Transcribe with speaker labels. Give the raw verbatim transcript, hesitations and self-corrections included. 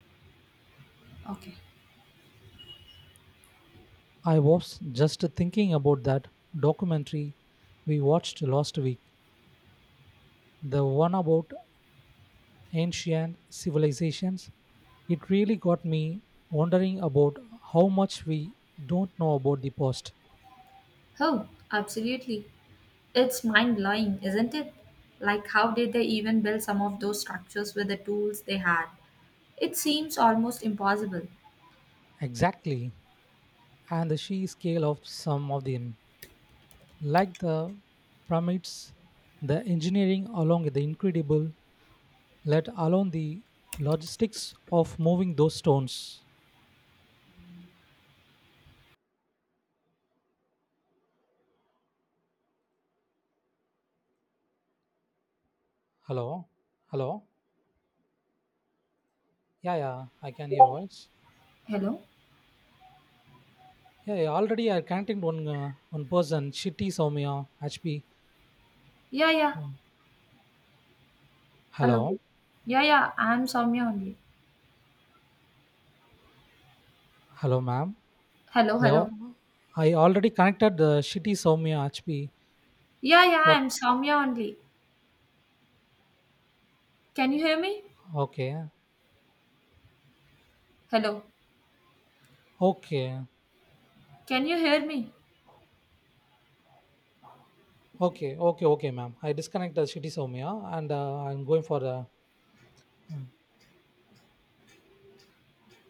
Speaker 1: I was just thinking about that documentary we watched last week, the one about ancient civilizations. It really got me wondering about how much we don't know about the past.
Speaker 2: Oh, absolutely. It's mind blowing, isn't it? Like, how did they even build some of those structures with the tools they had? It seems almost impossible.
Speaker 1: Exactly, and the sheer scale of some of them, like the pyramids, the engineering along with the incredible, let alone the logistics of moving those stones. Hello, hello. Yeah, yeah, I can hear your voice.
Speaker 2: Hello?
Speaker 1: Yeah, yeah, already I contacted one uh, one person. Shitty Soumya H P.
Speaker 2: Yeah, yeah. Hello.
Speaker 1: Hello,
Speaker 2: Yeah, yeah. I'm Soumya only.
Speaker 1: hello, ma'am.
Speaker 2: Hello,
Speaker 1: I,
Speaker 2: hello.
Speaker 1: al- I already connected the Shitty Soumya H P.
Speaker 2: Yeah, yeah.
Speaker 1: What?
Speaker 2: I'm Soumya only. Can you hear me?
Speaker 1: Okay,
Speaker 2: Hello.
Speaker 1: okay,
Speaker 2: Can you hear me?
Speaker 1: okay, okay, okay, ma'am. I disconnect the Shitty Soumya and uh, I'm going for the uh,